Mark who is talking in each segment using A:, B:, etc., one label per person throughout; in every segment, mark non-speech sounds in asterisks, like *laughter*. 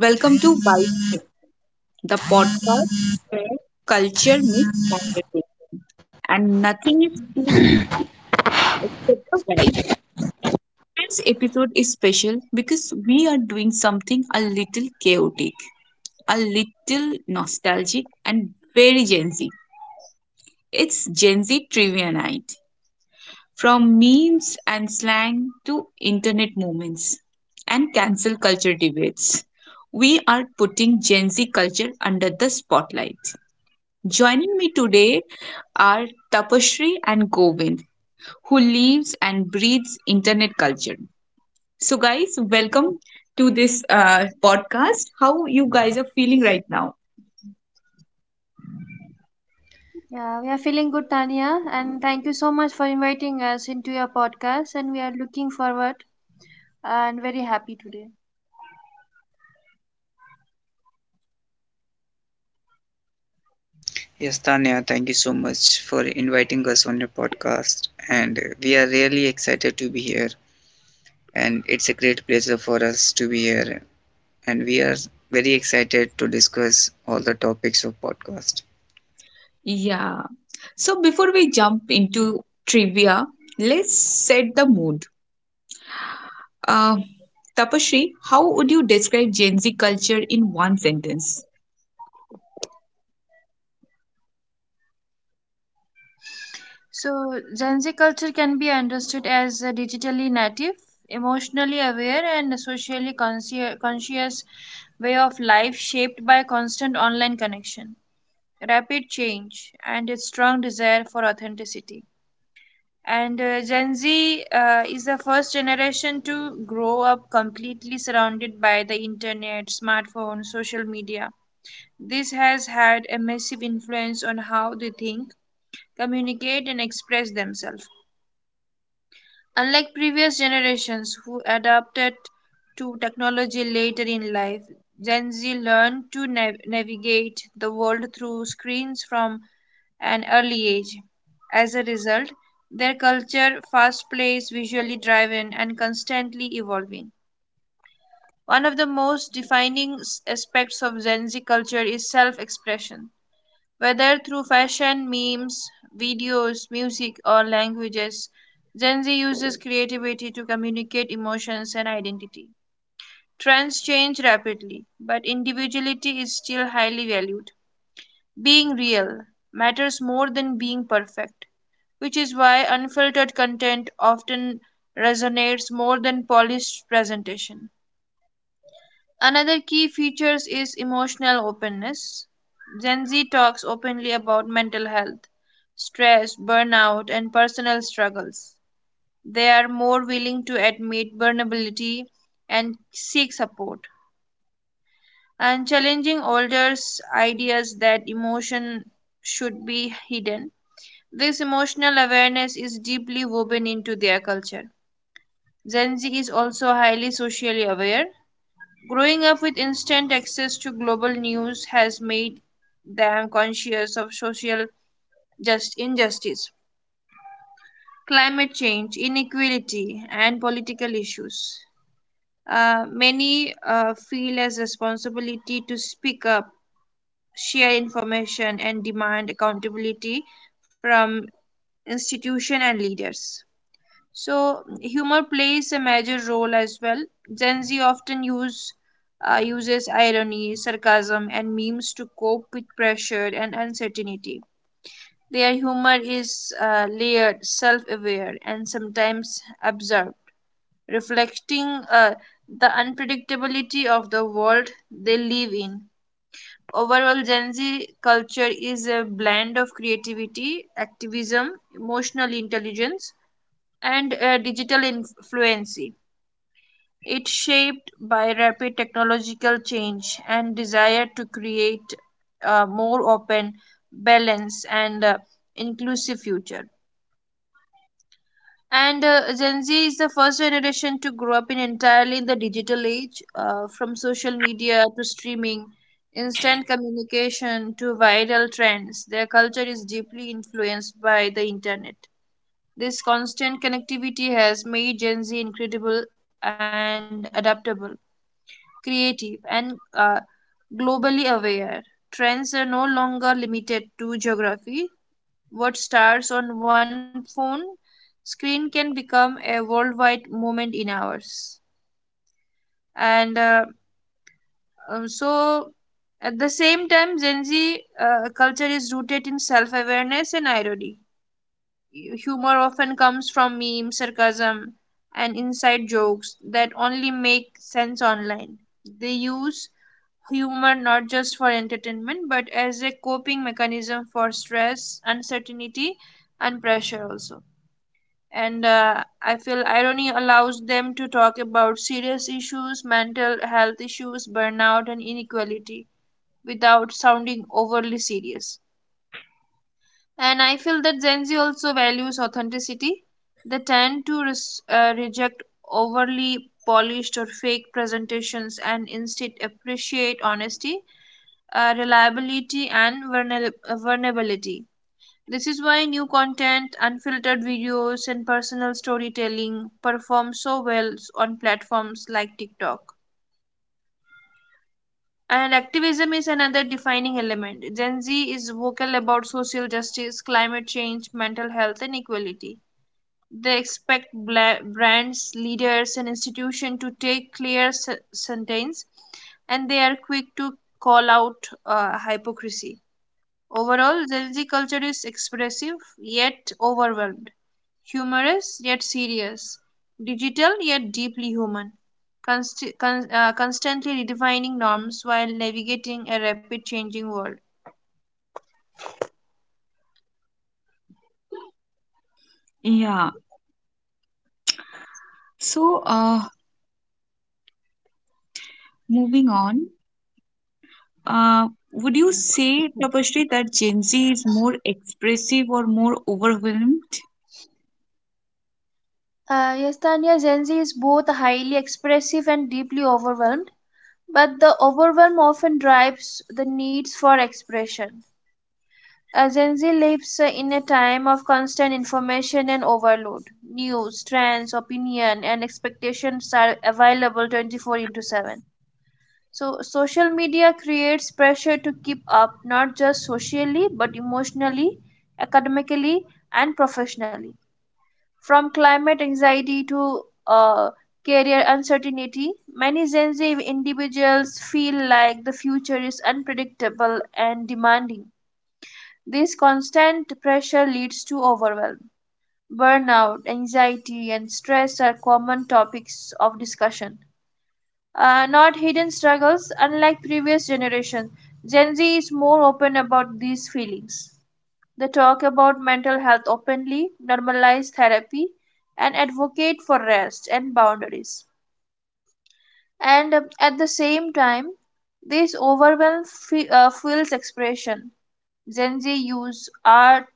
A: Welcome to Vibe Check, the podcast where culture meets conversation, and nothing is too serious except the vibe. This episode is special because we are doing something a little chaotic, a little nostalgic, and very Gen Z. It's Gen Z trivia night, from memes and slang to internet moments and cancel culture debates. We are putting Gen Z culture under the spotlight. Joining me today are Tapashri and Govind, who lives and breathes internet culture. So, guys, welcome to this podcast. How you guys are feeling right now?
B: Yeah, we are feeling good, Tanya, and thank you so much for inviting us into your podcast. And we are looking forward and very happy today.
C: Yes, Tanya, thank you so much for inviting us on your podcast. And we are really excited to be here. And it's a great pleasure for us to be here. And we are very excited to discuss all the topics of podcast.
A: Yeah. So, before we jump into trivia, let's set the mood. Uh, Tapashri, how would you describe Gen Z culture in one sentence?
B: So, Gen Z culture can be understood as a digitally native, emotionally aware, and socially conscious way of life shaped by constant online connection, rapid change, and a strong desire for authenticity. And Gen Z is the first generation to grow up completely surrounded by the internet, smartphone, social media. This has had a massive influence on how they think, communicate, and express themselves. Unlike previous generations who adapted to technology later in life, Gen Z learned to navigate the world through screens from an early age. As a result, their culture, fast paced, visually driven, and constantly evolving. One of the most defining aspects of Gen Z culture is self expression. Whether through fashion, memes, videos, music, or languages, Gen Z uses creativity to communicate emotions and identity. Trends change rapidly, but individuality is still highly valued. Being real matters more than being perfect, which is why unfiltered content often resonates more than polished presentation. Another key feature is emotional openness. Gen Z talks openly about mental health, stress, burnout, and personal struggles. They are more willing to admit vulnerability and seek support, and challenging older ideas that emotion should be hidden. This emotional awareness is deeply woven into their culture. Gen Z is also highly socially aware. Growing up with instant access to global news has made them conscious of social just injustice, climate change, inequality, and political issues. Many feel as responsibility to speak up, share information, and demand accountability from institutions and leaders. So humor plays a major role as well. Gen Z often uses irony, sarcasm, and memes to cope with pressure and uncertainty. Their humor is layered, self-aware, and sometimes absurd, reflecting the unpredictability of the world they live in. Overall, Gen Z culture is a blend of creativity, activism, emotional intelligence, and digital influence. It's shaped by rapid technological change and desire to create a more open, balanced, and inclusive future. And Gen Z is the first generation to grow up in entirely in the digital age, from social media to streaming, instant communication to viral trends. Their culture is deeply influenced by the internet. This constant connectivity has made Gen Z incredible and adaptable creative, and globally aware. Trends are no longer limited to geography. What starts on one phone screen can become a worldwide movement in hours. And uh, um, so, at the same time, Gen Z culture is rooted in self awareness and irony. Humor often comes from memes, sarcasm, and inside jokes that only make sense online. They use humor not just for entertainment but as a coping mechanism for stress, uncertainty, and pressure also. And I feel irony allows them to talk about serious issues, mental health issues, burnout, and inequality without sounding overly serious. And I feel that Gen Z also values authenticity. They tend to reject overly polished or fake presentations and instead appreciate honesty reliability, and vulnerability. This is why new content, unfiltered videos, and personal storytelling perform so well on platforms like TikTok. And activism is another defining element. Gen Z is vocal about social justice, climate change, mental health, and equality. They expect brands, leaders, and institutions to take clear stance, and they are quick to call out hypocrisy. Overall, Gen Z culture is expressive yet overwhelmed, humorous yet serious, digital yet deeply human, constantly redefining norms while navigating a rapid changing world.
A: Yeah. So, moving on, would you say, Tapashri, that Gen Z is more expressive or more overwhelmed?
B: Yes, Tanya, Gen Z is both highly expressive and deeply overwhelmed, but the overwhelm often drives the needs for expression. Gen Z lives in a time of constant information and overload. News, trends, opinion, and expectations are available 24 into 7. So, social media creates pressure to keep up not just socially but emotionally, academically, and professionally. From climate anxiety to career uncertainty, many Gen Z individuals feel like the future is unpredictable and demanding this constant pressure leads to overwhelm. Burnout, anxiety, and stress are common topics of discussion, not hidden struggles, unlike previous generations. Gen Z is more open about these feelings. They talk about mental health openly, normalize therapy, and advocate for rest and boundaries. And At the same time, this overwhelm fuels expression. Gen Z use art,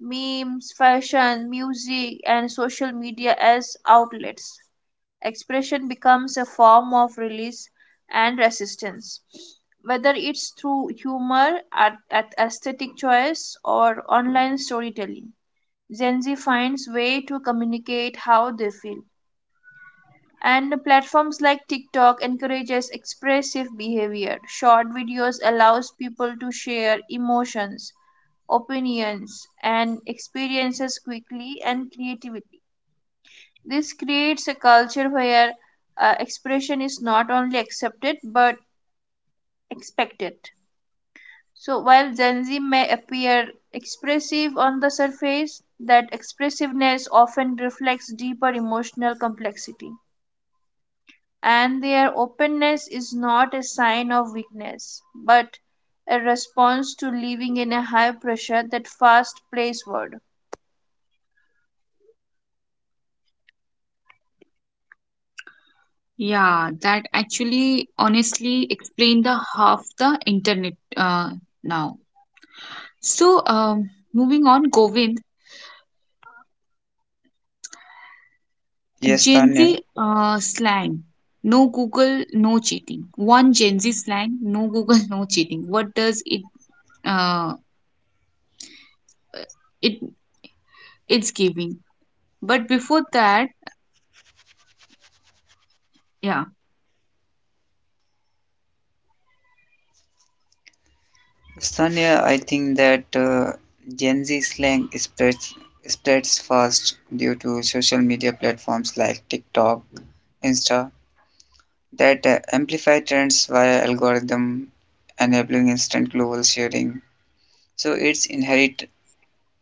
B: memes, fashion, music, and social media as outlets. Expression becomes a form of release and resistance. Whether it's through humor, art, at aesthetic choice, or online storytelling, Gen Z finds way to communicate how they feel and platforms like TikTok encourages expressive behavior. Short videos allows people to share emotions, opinions and experiences quickly and creativity. This creates a culture where expression is not only accepted but expected. So while Gen Z may appear expressive on the surface, that expressiveness often reflects deeper emotional complexity. And their openness is not a sign of weakness, but a response to living in a high pressure that fast place world.
A: Yeah, that actually honestly explain the half the internet now. So, moving on, Govind.
C: Yes,
A: Gen
C: Tanya.
A: Z slang. No Google, no cheating. One Gen Z slang. No Google, *laughs* no cheating. What does it? Uh, it it's giving. But before that, yeah.
C: Yes, Tanya, I think that Gen Z slang spreads fast due to social media platforms like TikTok, Insta, that amplify trends via algorithm, enabling instant global sharing. So its inherent,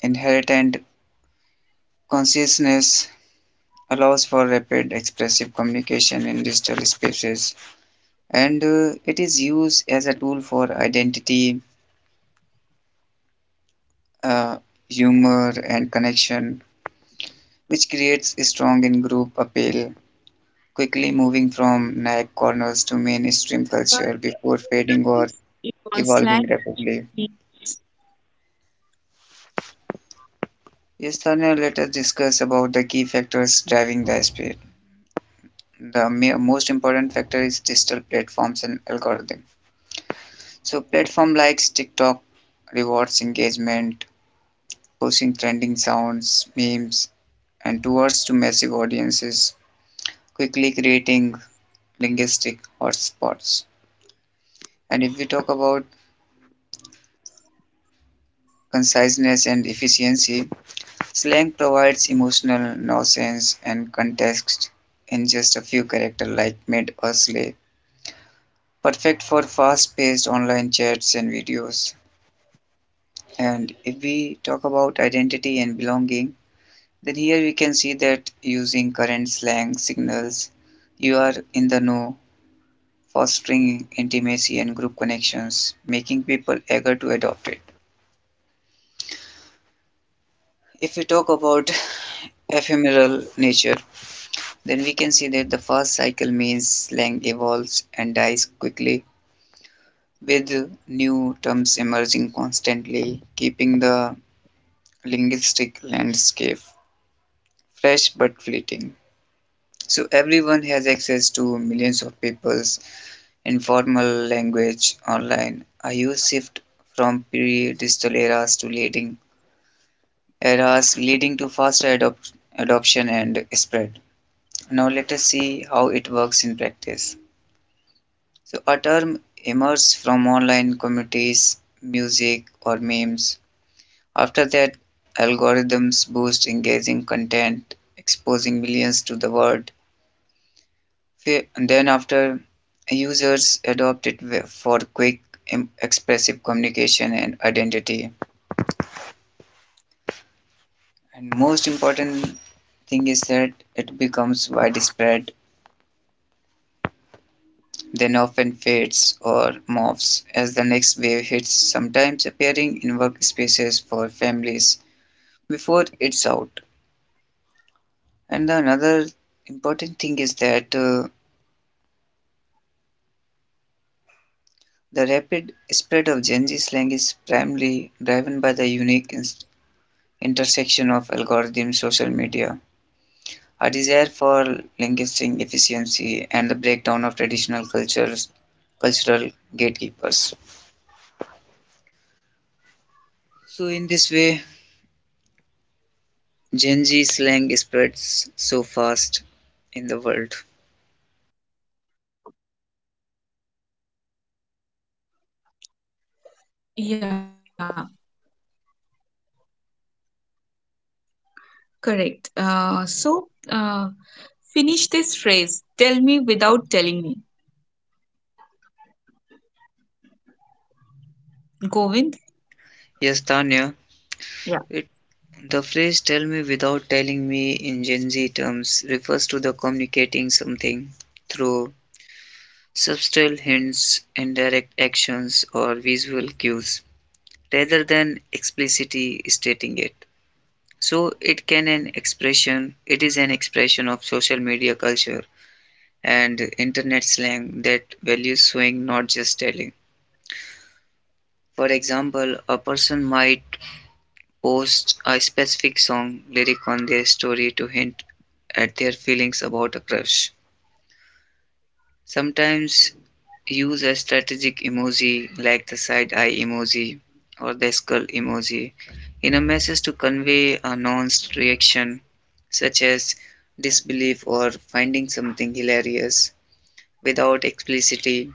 C: inherent consciousness allows for rapid expressive communication in digital spaces, and it is used as a tool for identity, uh, humor, and connection, which creates a strong in group appeal, quickly moving from niche corners to mainstream culture before fading or
A: Slang.
C: evolving rapidly. Yes, Tanya, let us discuss about the key factors driving the space. The most important factor is digital platforms and algorithm. So platform like TikTok rewards engagement, pushing trending sounds, memes, and towards to massive audiences, quickly creating linguistic hotspots. And if we talk about conciseness and efficiency, slang provides emotional nuance and context in just a few characters like mid or slay, perfect for fast-paced online chats and videos. And if we talk about identity and belonging, then here we can see that using current slang signals, you are in the know, fostering intimacy and group connections, making people eager to adopt it. If we talk about *laughs* ephemeral nature, then we can see that the first cycle means slang evolves and dies quickly, with new terms emerging constantly, keeping the linguistic landscape fresh but fleeting. So everyone has access to millions of people's informal language online. A huge shift from pre-digital eras to leading eras, leading to adoption and spread. Now let us see how it works in practice. So a term emerges from online communities, music or memes. After that, algorithms boost engaging content, exposing millions to the word. Then after, users adopt it for quick, expressive communication and identity. And most important thing is that it becomes widespread, then often fades or morphs as the next wave hits, sometimes appearing in workspaces for families before it's out. And the another important thing is that the rapid spread of Gen Z slang is primarily driven by the unique intersection of algorithms, social media, a desire for linguistic efficiency, and the breakdown of cultural gatekeepers. So, in this way, Gen Z slang spreads so fast in the world.
A: Yeah, correct. Finish this phrase. Tell me without telling me. Govind.
C: Yes, Tanya,
A: Yeah.
C: it, the phrase "tell me without telling me" in Gen Z terms refers to the communicating something through subtle hints, indirect actions, or visual cues, rather than explicitly stating it. So it is an expression of social media culture and internet slang that values showing not just telling. For example, a person might post a specific song lyric on their story to hint at their feelings about a crush. Sometimes use a strategic emoji like the side eye emoji or the skull emoji in a message to convey a nuanced reaction such as disbelief or finding something hilarious without explicitly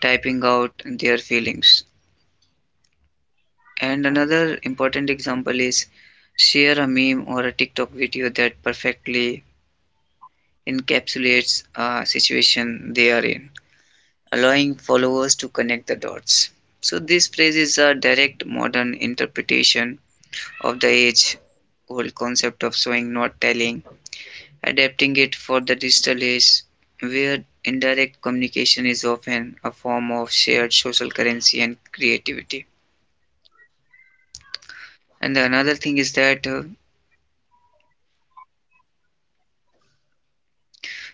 C: typing out their feelings. And another important example is share a meme or a TikTok video that perfectly encapsulates a situation they are in, allowing followers to connect the dots. So, this phrase is a direct modern interpretation of the age old concept of showing, not telling, adapting it for the digital age, where indirect communication is often a form of shared social currency and creativity. And the another thing is that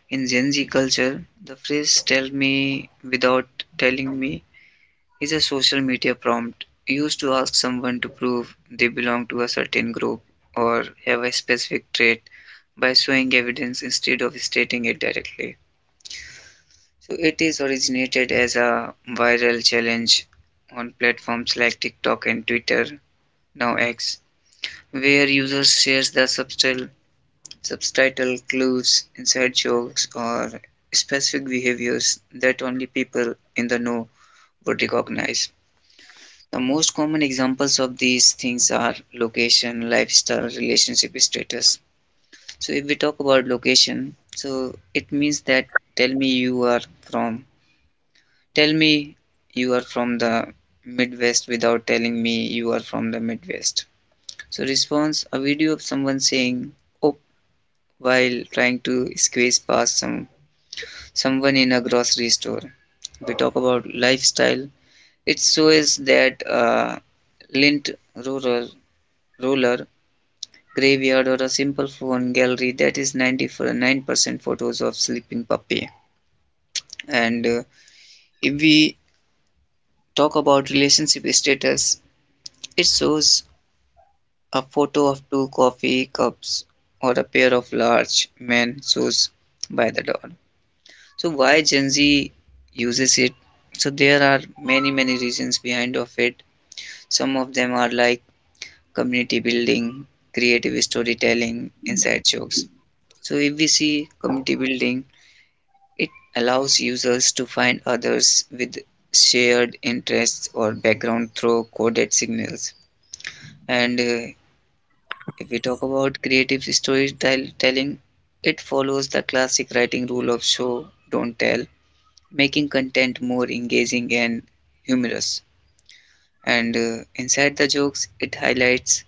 C: in Gen Z culture, the phrase "tell me without telling me" is a social media prompt used to ask someone to prove they belong to a certain group or have a specific trait by showing evidence instead of stating it directly. So it is originated as a viral challenge on platforms like TikTok and Twitter, now X, where users share the subtitle clues, inside jokes, or specific behaviors that only people in the know would recognize. The most common examples of these things are location, lifestyle, relationship status. So if we talk about location, so it means that tell me you are from, tell me you are from the Midwest without telling me you are from the Midwest. So response, a video of someone saying oh while trying to squeeze past someone in a grocery store. If we talk about lifestyle, it shows that lint roller roller, graveyard or a simple phone gallery that is 99% photos of sleeping puppy. And if we talk about relationship status, it shows a photo of two coffee cups or a pair of large men shoes by the door. So why Gen Z uses it? So there are many, many reasons behind of it. Some of them are like community building, creative storytelling, inside jokes. So if we see community building, it allows users to find others with shared interests or background through coded signals. And if we talk about creative storytelling, it follows the classic writing rule of show, don't tell, making content more engaging and humorous. And inside the jokes, it highlights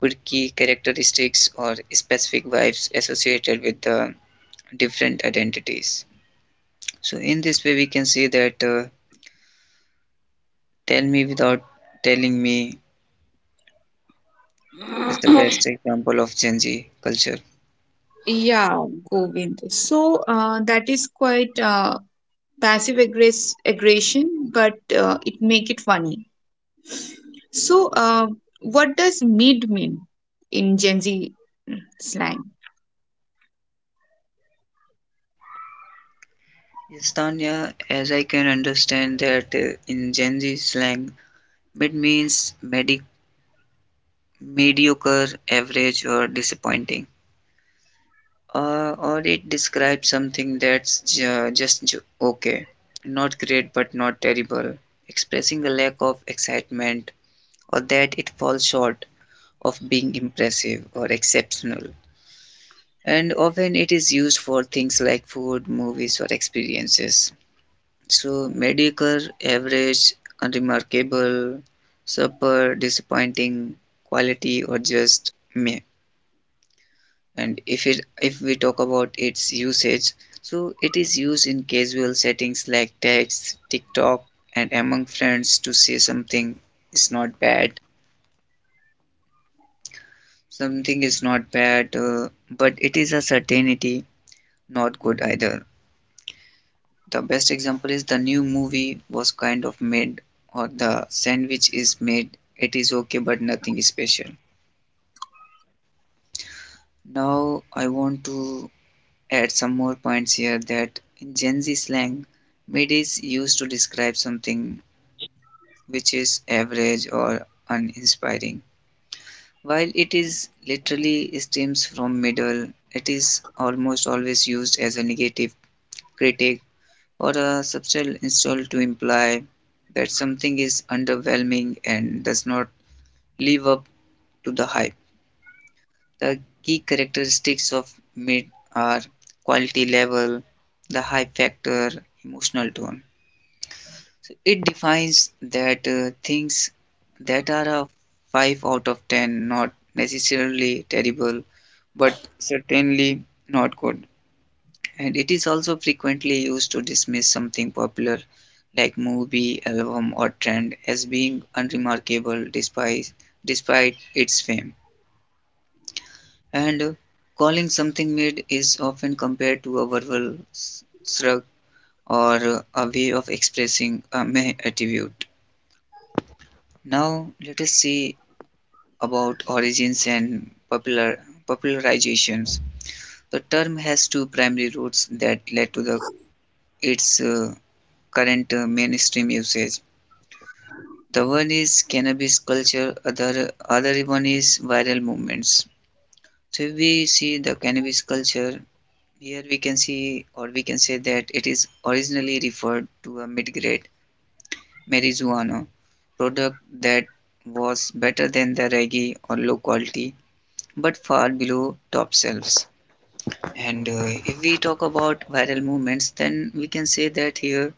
C: quirky characteristics or specific vibes associated with the different identities. So, in this way, we can see that "Tell Me Without Telling Me" is the best example of Gen Z culture.
A: Yeah, Govind. So that is quite passive aggression, but it make it funny. So, what does mid mean in Gen Z slang?
C: Yes, Tanya, as I can understand that in Gen Z slang, mid means mediocre, average, or disappointing. Or it describes something that's just okay. Not great, but not terrible. Expressing a lack of excitement or that it falls short of being impressive or exceptional, and often it is used for things like food, movies, or experiences. So, mediocre, average, unremarkable, super, disappointing, quality, or just meh. And if we talk about its usage, so it is used in casual settings like text, TikTok, and among friends to say something is not bad. Something is not bad, but it is a certainty not good either. The best example is the new movie was kind of made, or the sandwich is made. It is okay, but nothing special. Now, I want to add some more points here that in Gen Z slang, mid is used to describe something which is average or uninspiring. While it is literally stems from middle, it is almost always used as a negative critic or a subtle insult to imply that something is underwhelming and does not live up to the hype. The key characteristics of mid are quality level, the hype factor, emotional tone. So it defines that things that are a 5 out of 10, not necessarily terrible but certainly not good, and it is also frequently used to dismiss something popular like movie, album, or trend as being unremarkable despite its fame. And calling something mid is often compared to a verbal shrug or a way of expressing a meh attribute. Now, let us see about origins and popularizations. The term has two primary roots that led to the its current mainstream usage. The one is cannabis culture, other one is viral movements. So if we see the cannabis culture, here we can see or we can say that it is originally referred to a mid-grade marijuana product that was better than the reggae or low quality but far below top shelves. And if we talk about viral movements, then we can say that here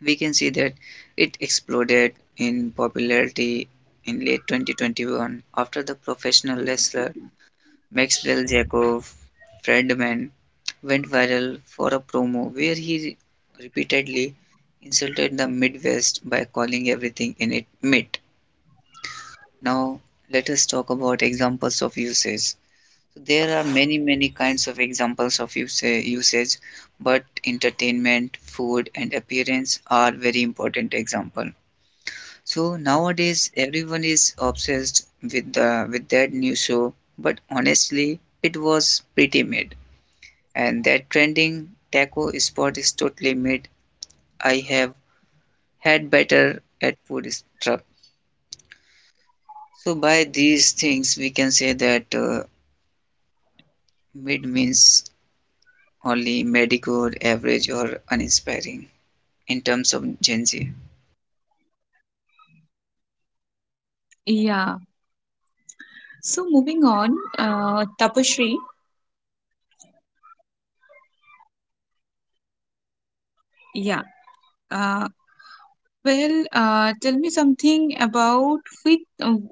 C: we can see that it exploded in popularity in late 2021 after the professional wrestler Maxwell Jacob Friedman went viral for a promo where he repeatedly insulted the Midwest by calling everything in it meat. Now, let us talk about examples of usage. So there are many, many kinds of examples of usage, but entertainment, food, and appearance are very important example. So nowadays everyone is obsessed with the with that new show, but honestly, it was pretty mid. And that trending taco spot is totally mid. I have had better at food truck. So by these things, we can say that mid means only mediocre, average, or uninspiring in terms of Gen Z.
A: Yeah. So moving on, Tapashri.
B: Yes.
A: Yeah. Uh, well, tell me something about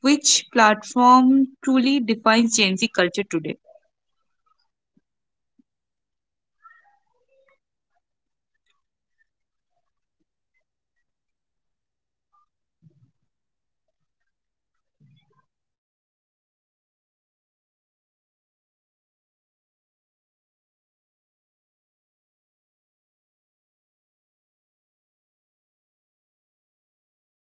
A: which platform truly defines Gen Z culture today.
B: Okay, so I think TikTok defines Gen Z culture today because it combines entertainment, creativity, activism, and authenticity. The algorithm allows uh, content to thrive, making user feel more understand.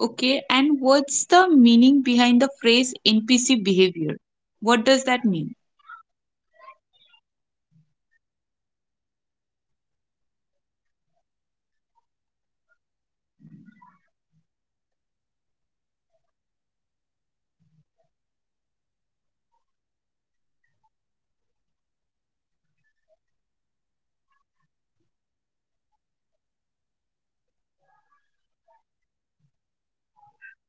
A: Okay, and what's the meaning behind the phrase NPC behavior? What does that mean?
B: Yeah. The phrase NPC behavior is a popular Gen Z term that originates from video game culture. So, NPC stands for non payable character, which refers to background characters in games that follow repetitive actions and scripted responses rather than independent decision making. When Gen Z use the phrase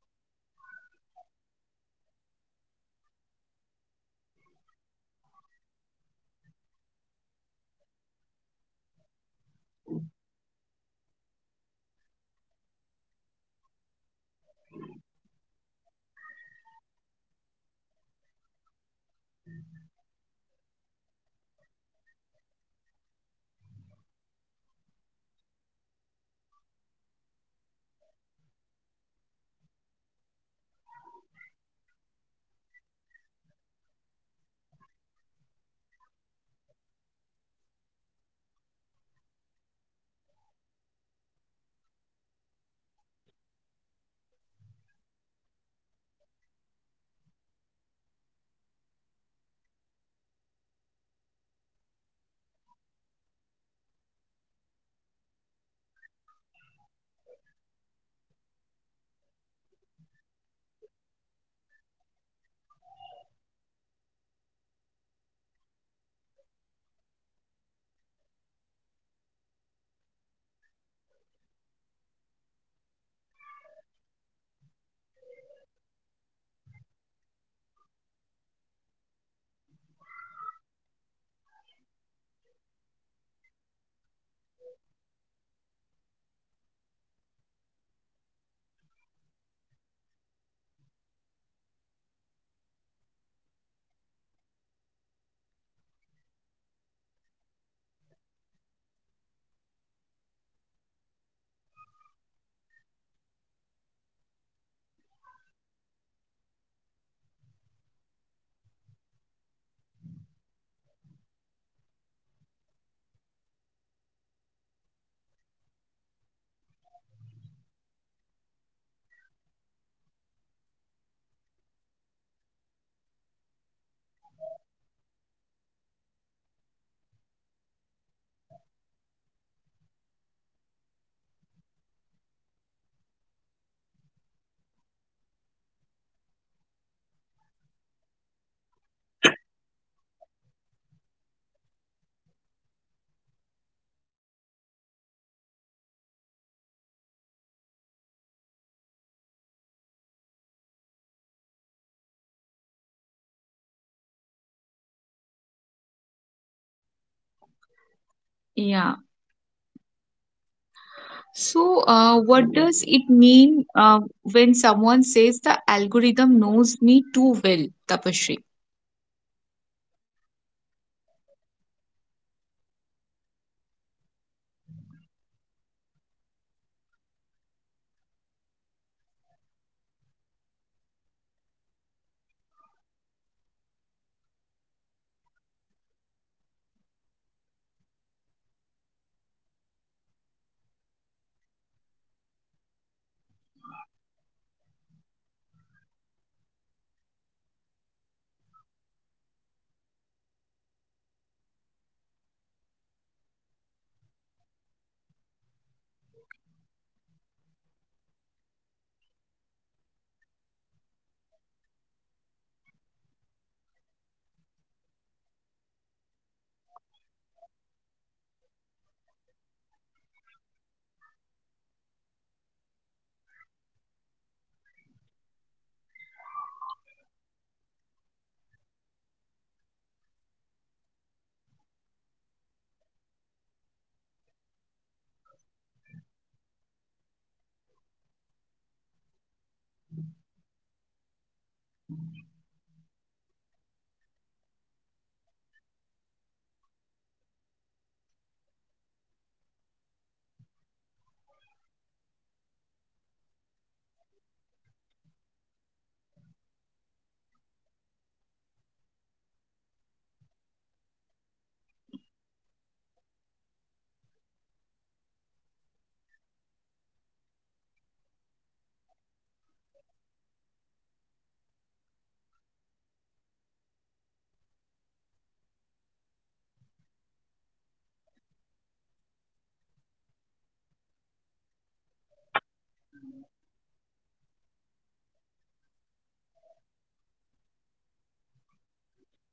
B: in real life context, it is usually mean uh, humorously or critically to describe people who seems to act machinically, mechanically, predictability, or without much a self-awareness. In everyday usage, calling something NPC behavior suggests that person is following trends blindly repeating common opinions, and behaving in a routine way without questioning their actions. For example, someone who mindlessly follow viral trends or repeat popular phrases without understanding them might be jokingly labeled as showing NPC behavior. This phrase reflects Gen Z's strong emphasis on individuality and originality. Growing up in a digital space full of repeated content, algorithms, and trends, Gen Z is highly aware of how easily people can fall into patterns. Calling out NPC behavior becomes a way of encouraging people to think independently rather than simply copying what everyone else is doing. At the same time, the term is often used playfully rather than maliciously. It is frequently shared through memes, jokes, highlighting everyday habits such as walking while scrolling on a phone or giving automatic response like okay or nice. In this case, the phrase point out how modern life can sometimes make people act as an autopilot. However, the phrase also carries a deeper social commentary it reflects anxiety about losing individuality in a world driven by algorithms and mass culture. Gen Z is highly conscious of how technology influences behavior, opinions, and even personality. So, leveling something as an NPC behavior can be a subtle critique of how systems shape human action. So overall, NPC behavior is not just slang, it is a reflection of Gen Z's awareness of digital influence, conformity, and importance of self-awareness in an increasing automated world.
A: Yeah. So, what does it mean when someone says the algorithm knows me too well, Tapashri?
B: Yeah, so when someone says the algorithm knows me too well, they are expressing surprise or discomfort at how accurately digital platforms predict their interests, preferences, and emotions. This phrase commonly refers to social media algorithms that personalize content based on user behavior, such as likes, searches, watch time, and interaction. So Gen Z spends a significant amount of time online, particularly on platforms like TikTok, Instagram, and YouTube. These platforms use advanced algorithms to tailor content specially for each user. When people repeatedly encounter videos, ads, or posts that align perfectly with their mood, interests, and current life situations, it can feel most uncanny and this phrase often carries a humorous tone, but it also reflects a deeper awareness of data tracking. Gen Z understand that platforms collect and analyze massive amount of information. Saying the algorithm knows me too well is both a joke and acknowledgement of how deeply technology understands personal habits. The phrase also highlights how emotionally connected Gen Z is to digital space. Sometimes the algorithm surfaces content that feel personally relevant, such as videos about stress during exams, relationship struggles, or burnout. When this happens, users feel seen but also slightly exposed. At a deeper level, the phrase reveals mixed feeling about personalization. On other hand, content feels comforting and efficient. On other hand,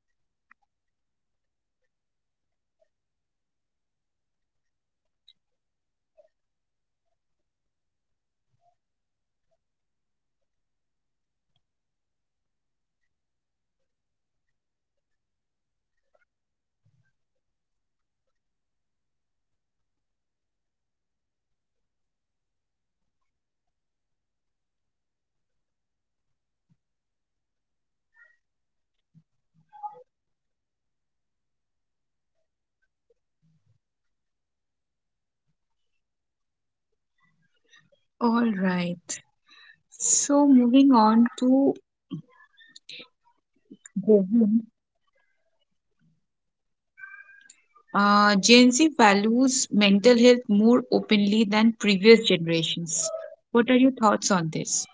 B: it raises concern about privacy, manipulation, and digital dependencies. So Gen Z tends to approach these weaknesses with humor rather than fear. Memes are al- mil- Memes about algorithms reading minds allow people to laugh at the situation while still recognizing the power of technology. So ultimately this phrase captures Gen Z's complex relationship with digital platforms, one of the balance enjoyment and dependence self-awareness and concern.
A: All right. So, moving on to Govind. Gen Z values mental health more openly than previous generations. What are your thoughts on this?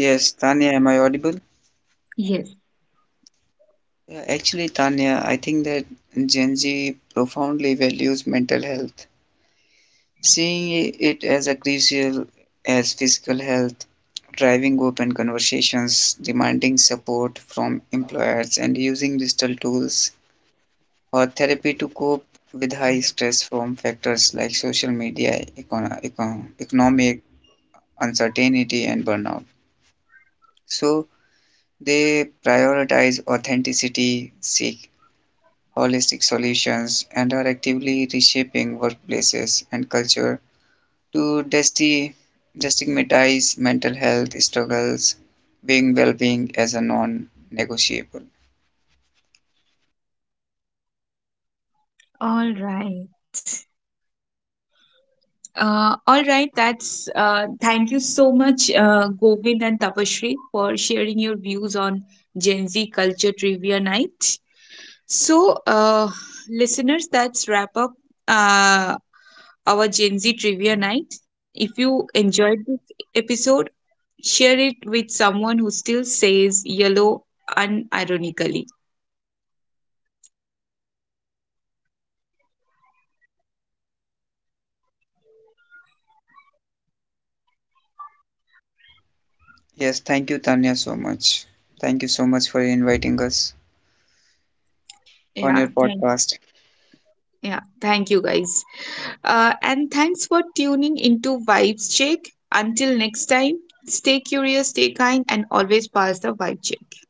C: Yes, Tanya, am I audible?
A: Yes.
C: Yeah, actually, Tanya, I think that Gen Z profoundly values mental health. Seeing it as a crucial as physical health, driving open conversations, demanding support from employers, and using digital tools or therapy to cope with high stress from factors like social media, economic uncertainty, and burnout. So they prioritize authenticity, seek holistic solutions, and are actively reshaping workplaces and culture to desti- destigmatize mental health struggles, being well-being as a non-negotiable.
A: All right. All right, that's thank you so much, Govind and Tapashri, for sharing your views on Gen Z culture trivia night. So, listeners, that's wrap up uh, our Gen Z trivia night. If you enjoyed this episode, share it with someone who still says yellow unironically.
B: Thank you, Tania. Thank you.
C: Yes, thank you, Tanya, so much. Thank you so much for inviting us on
A: Yeah,
C: your
A: thank
C: podcast.
A: yeah, thank you guys. And thanks for tuning into Vibes Check. Until next time, stay curious, stay kind, and always pass the vibe check.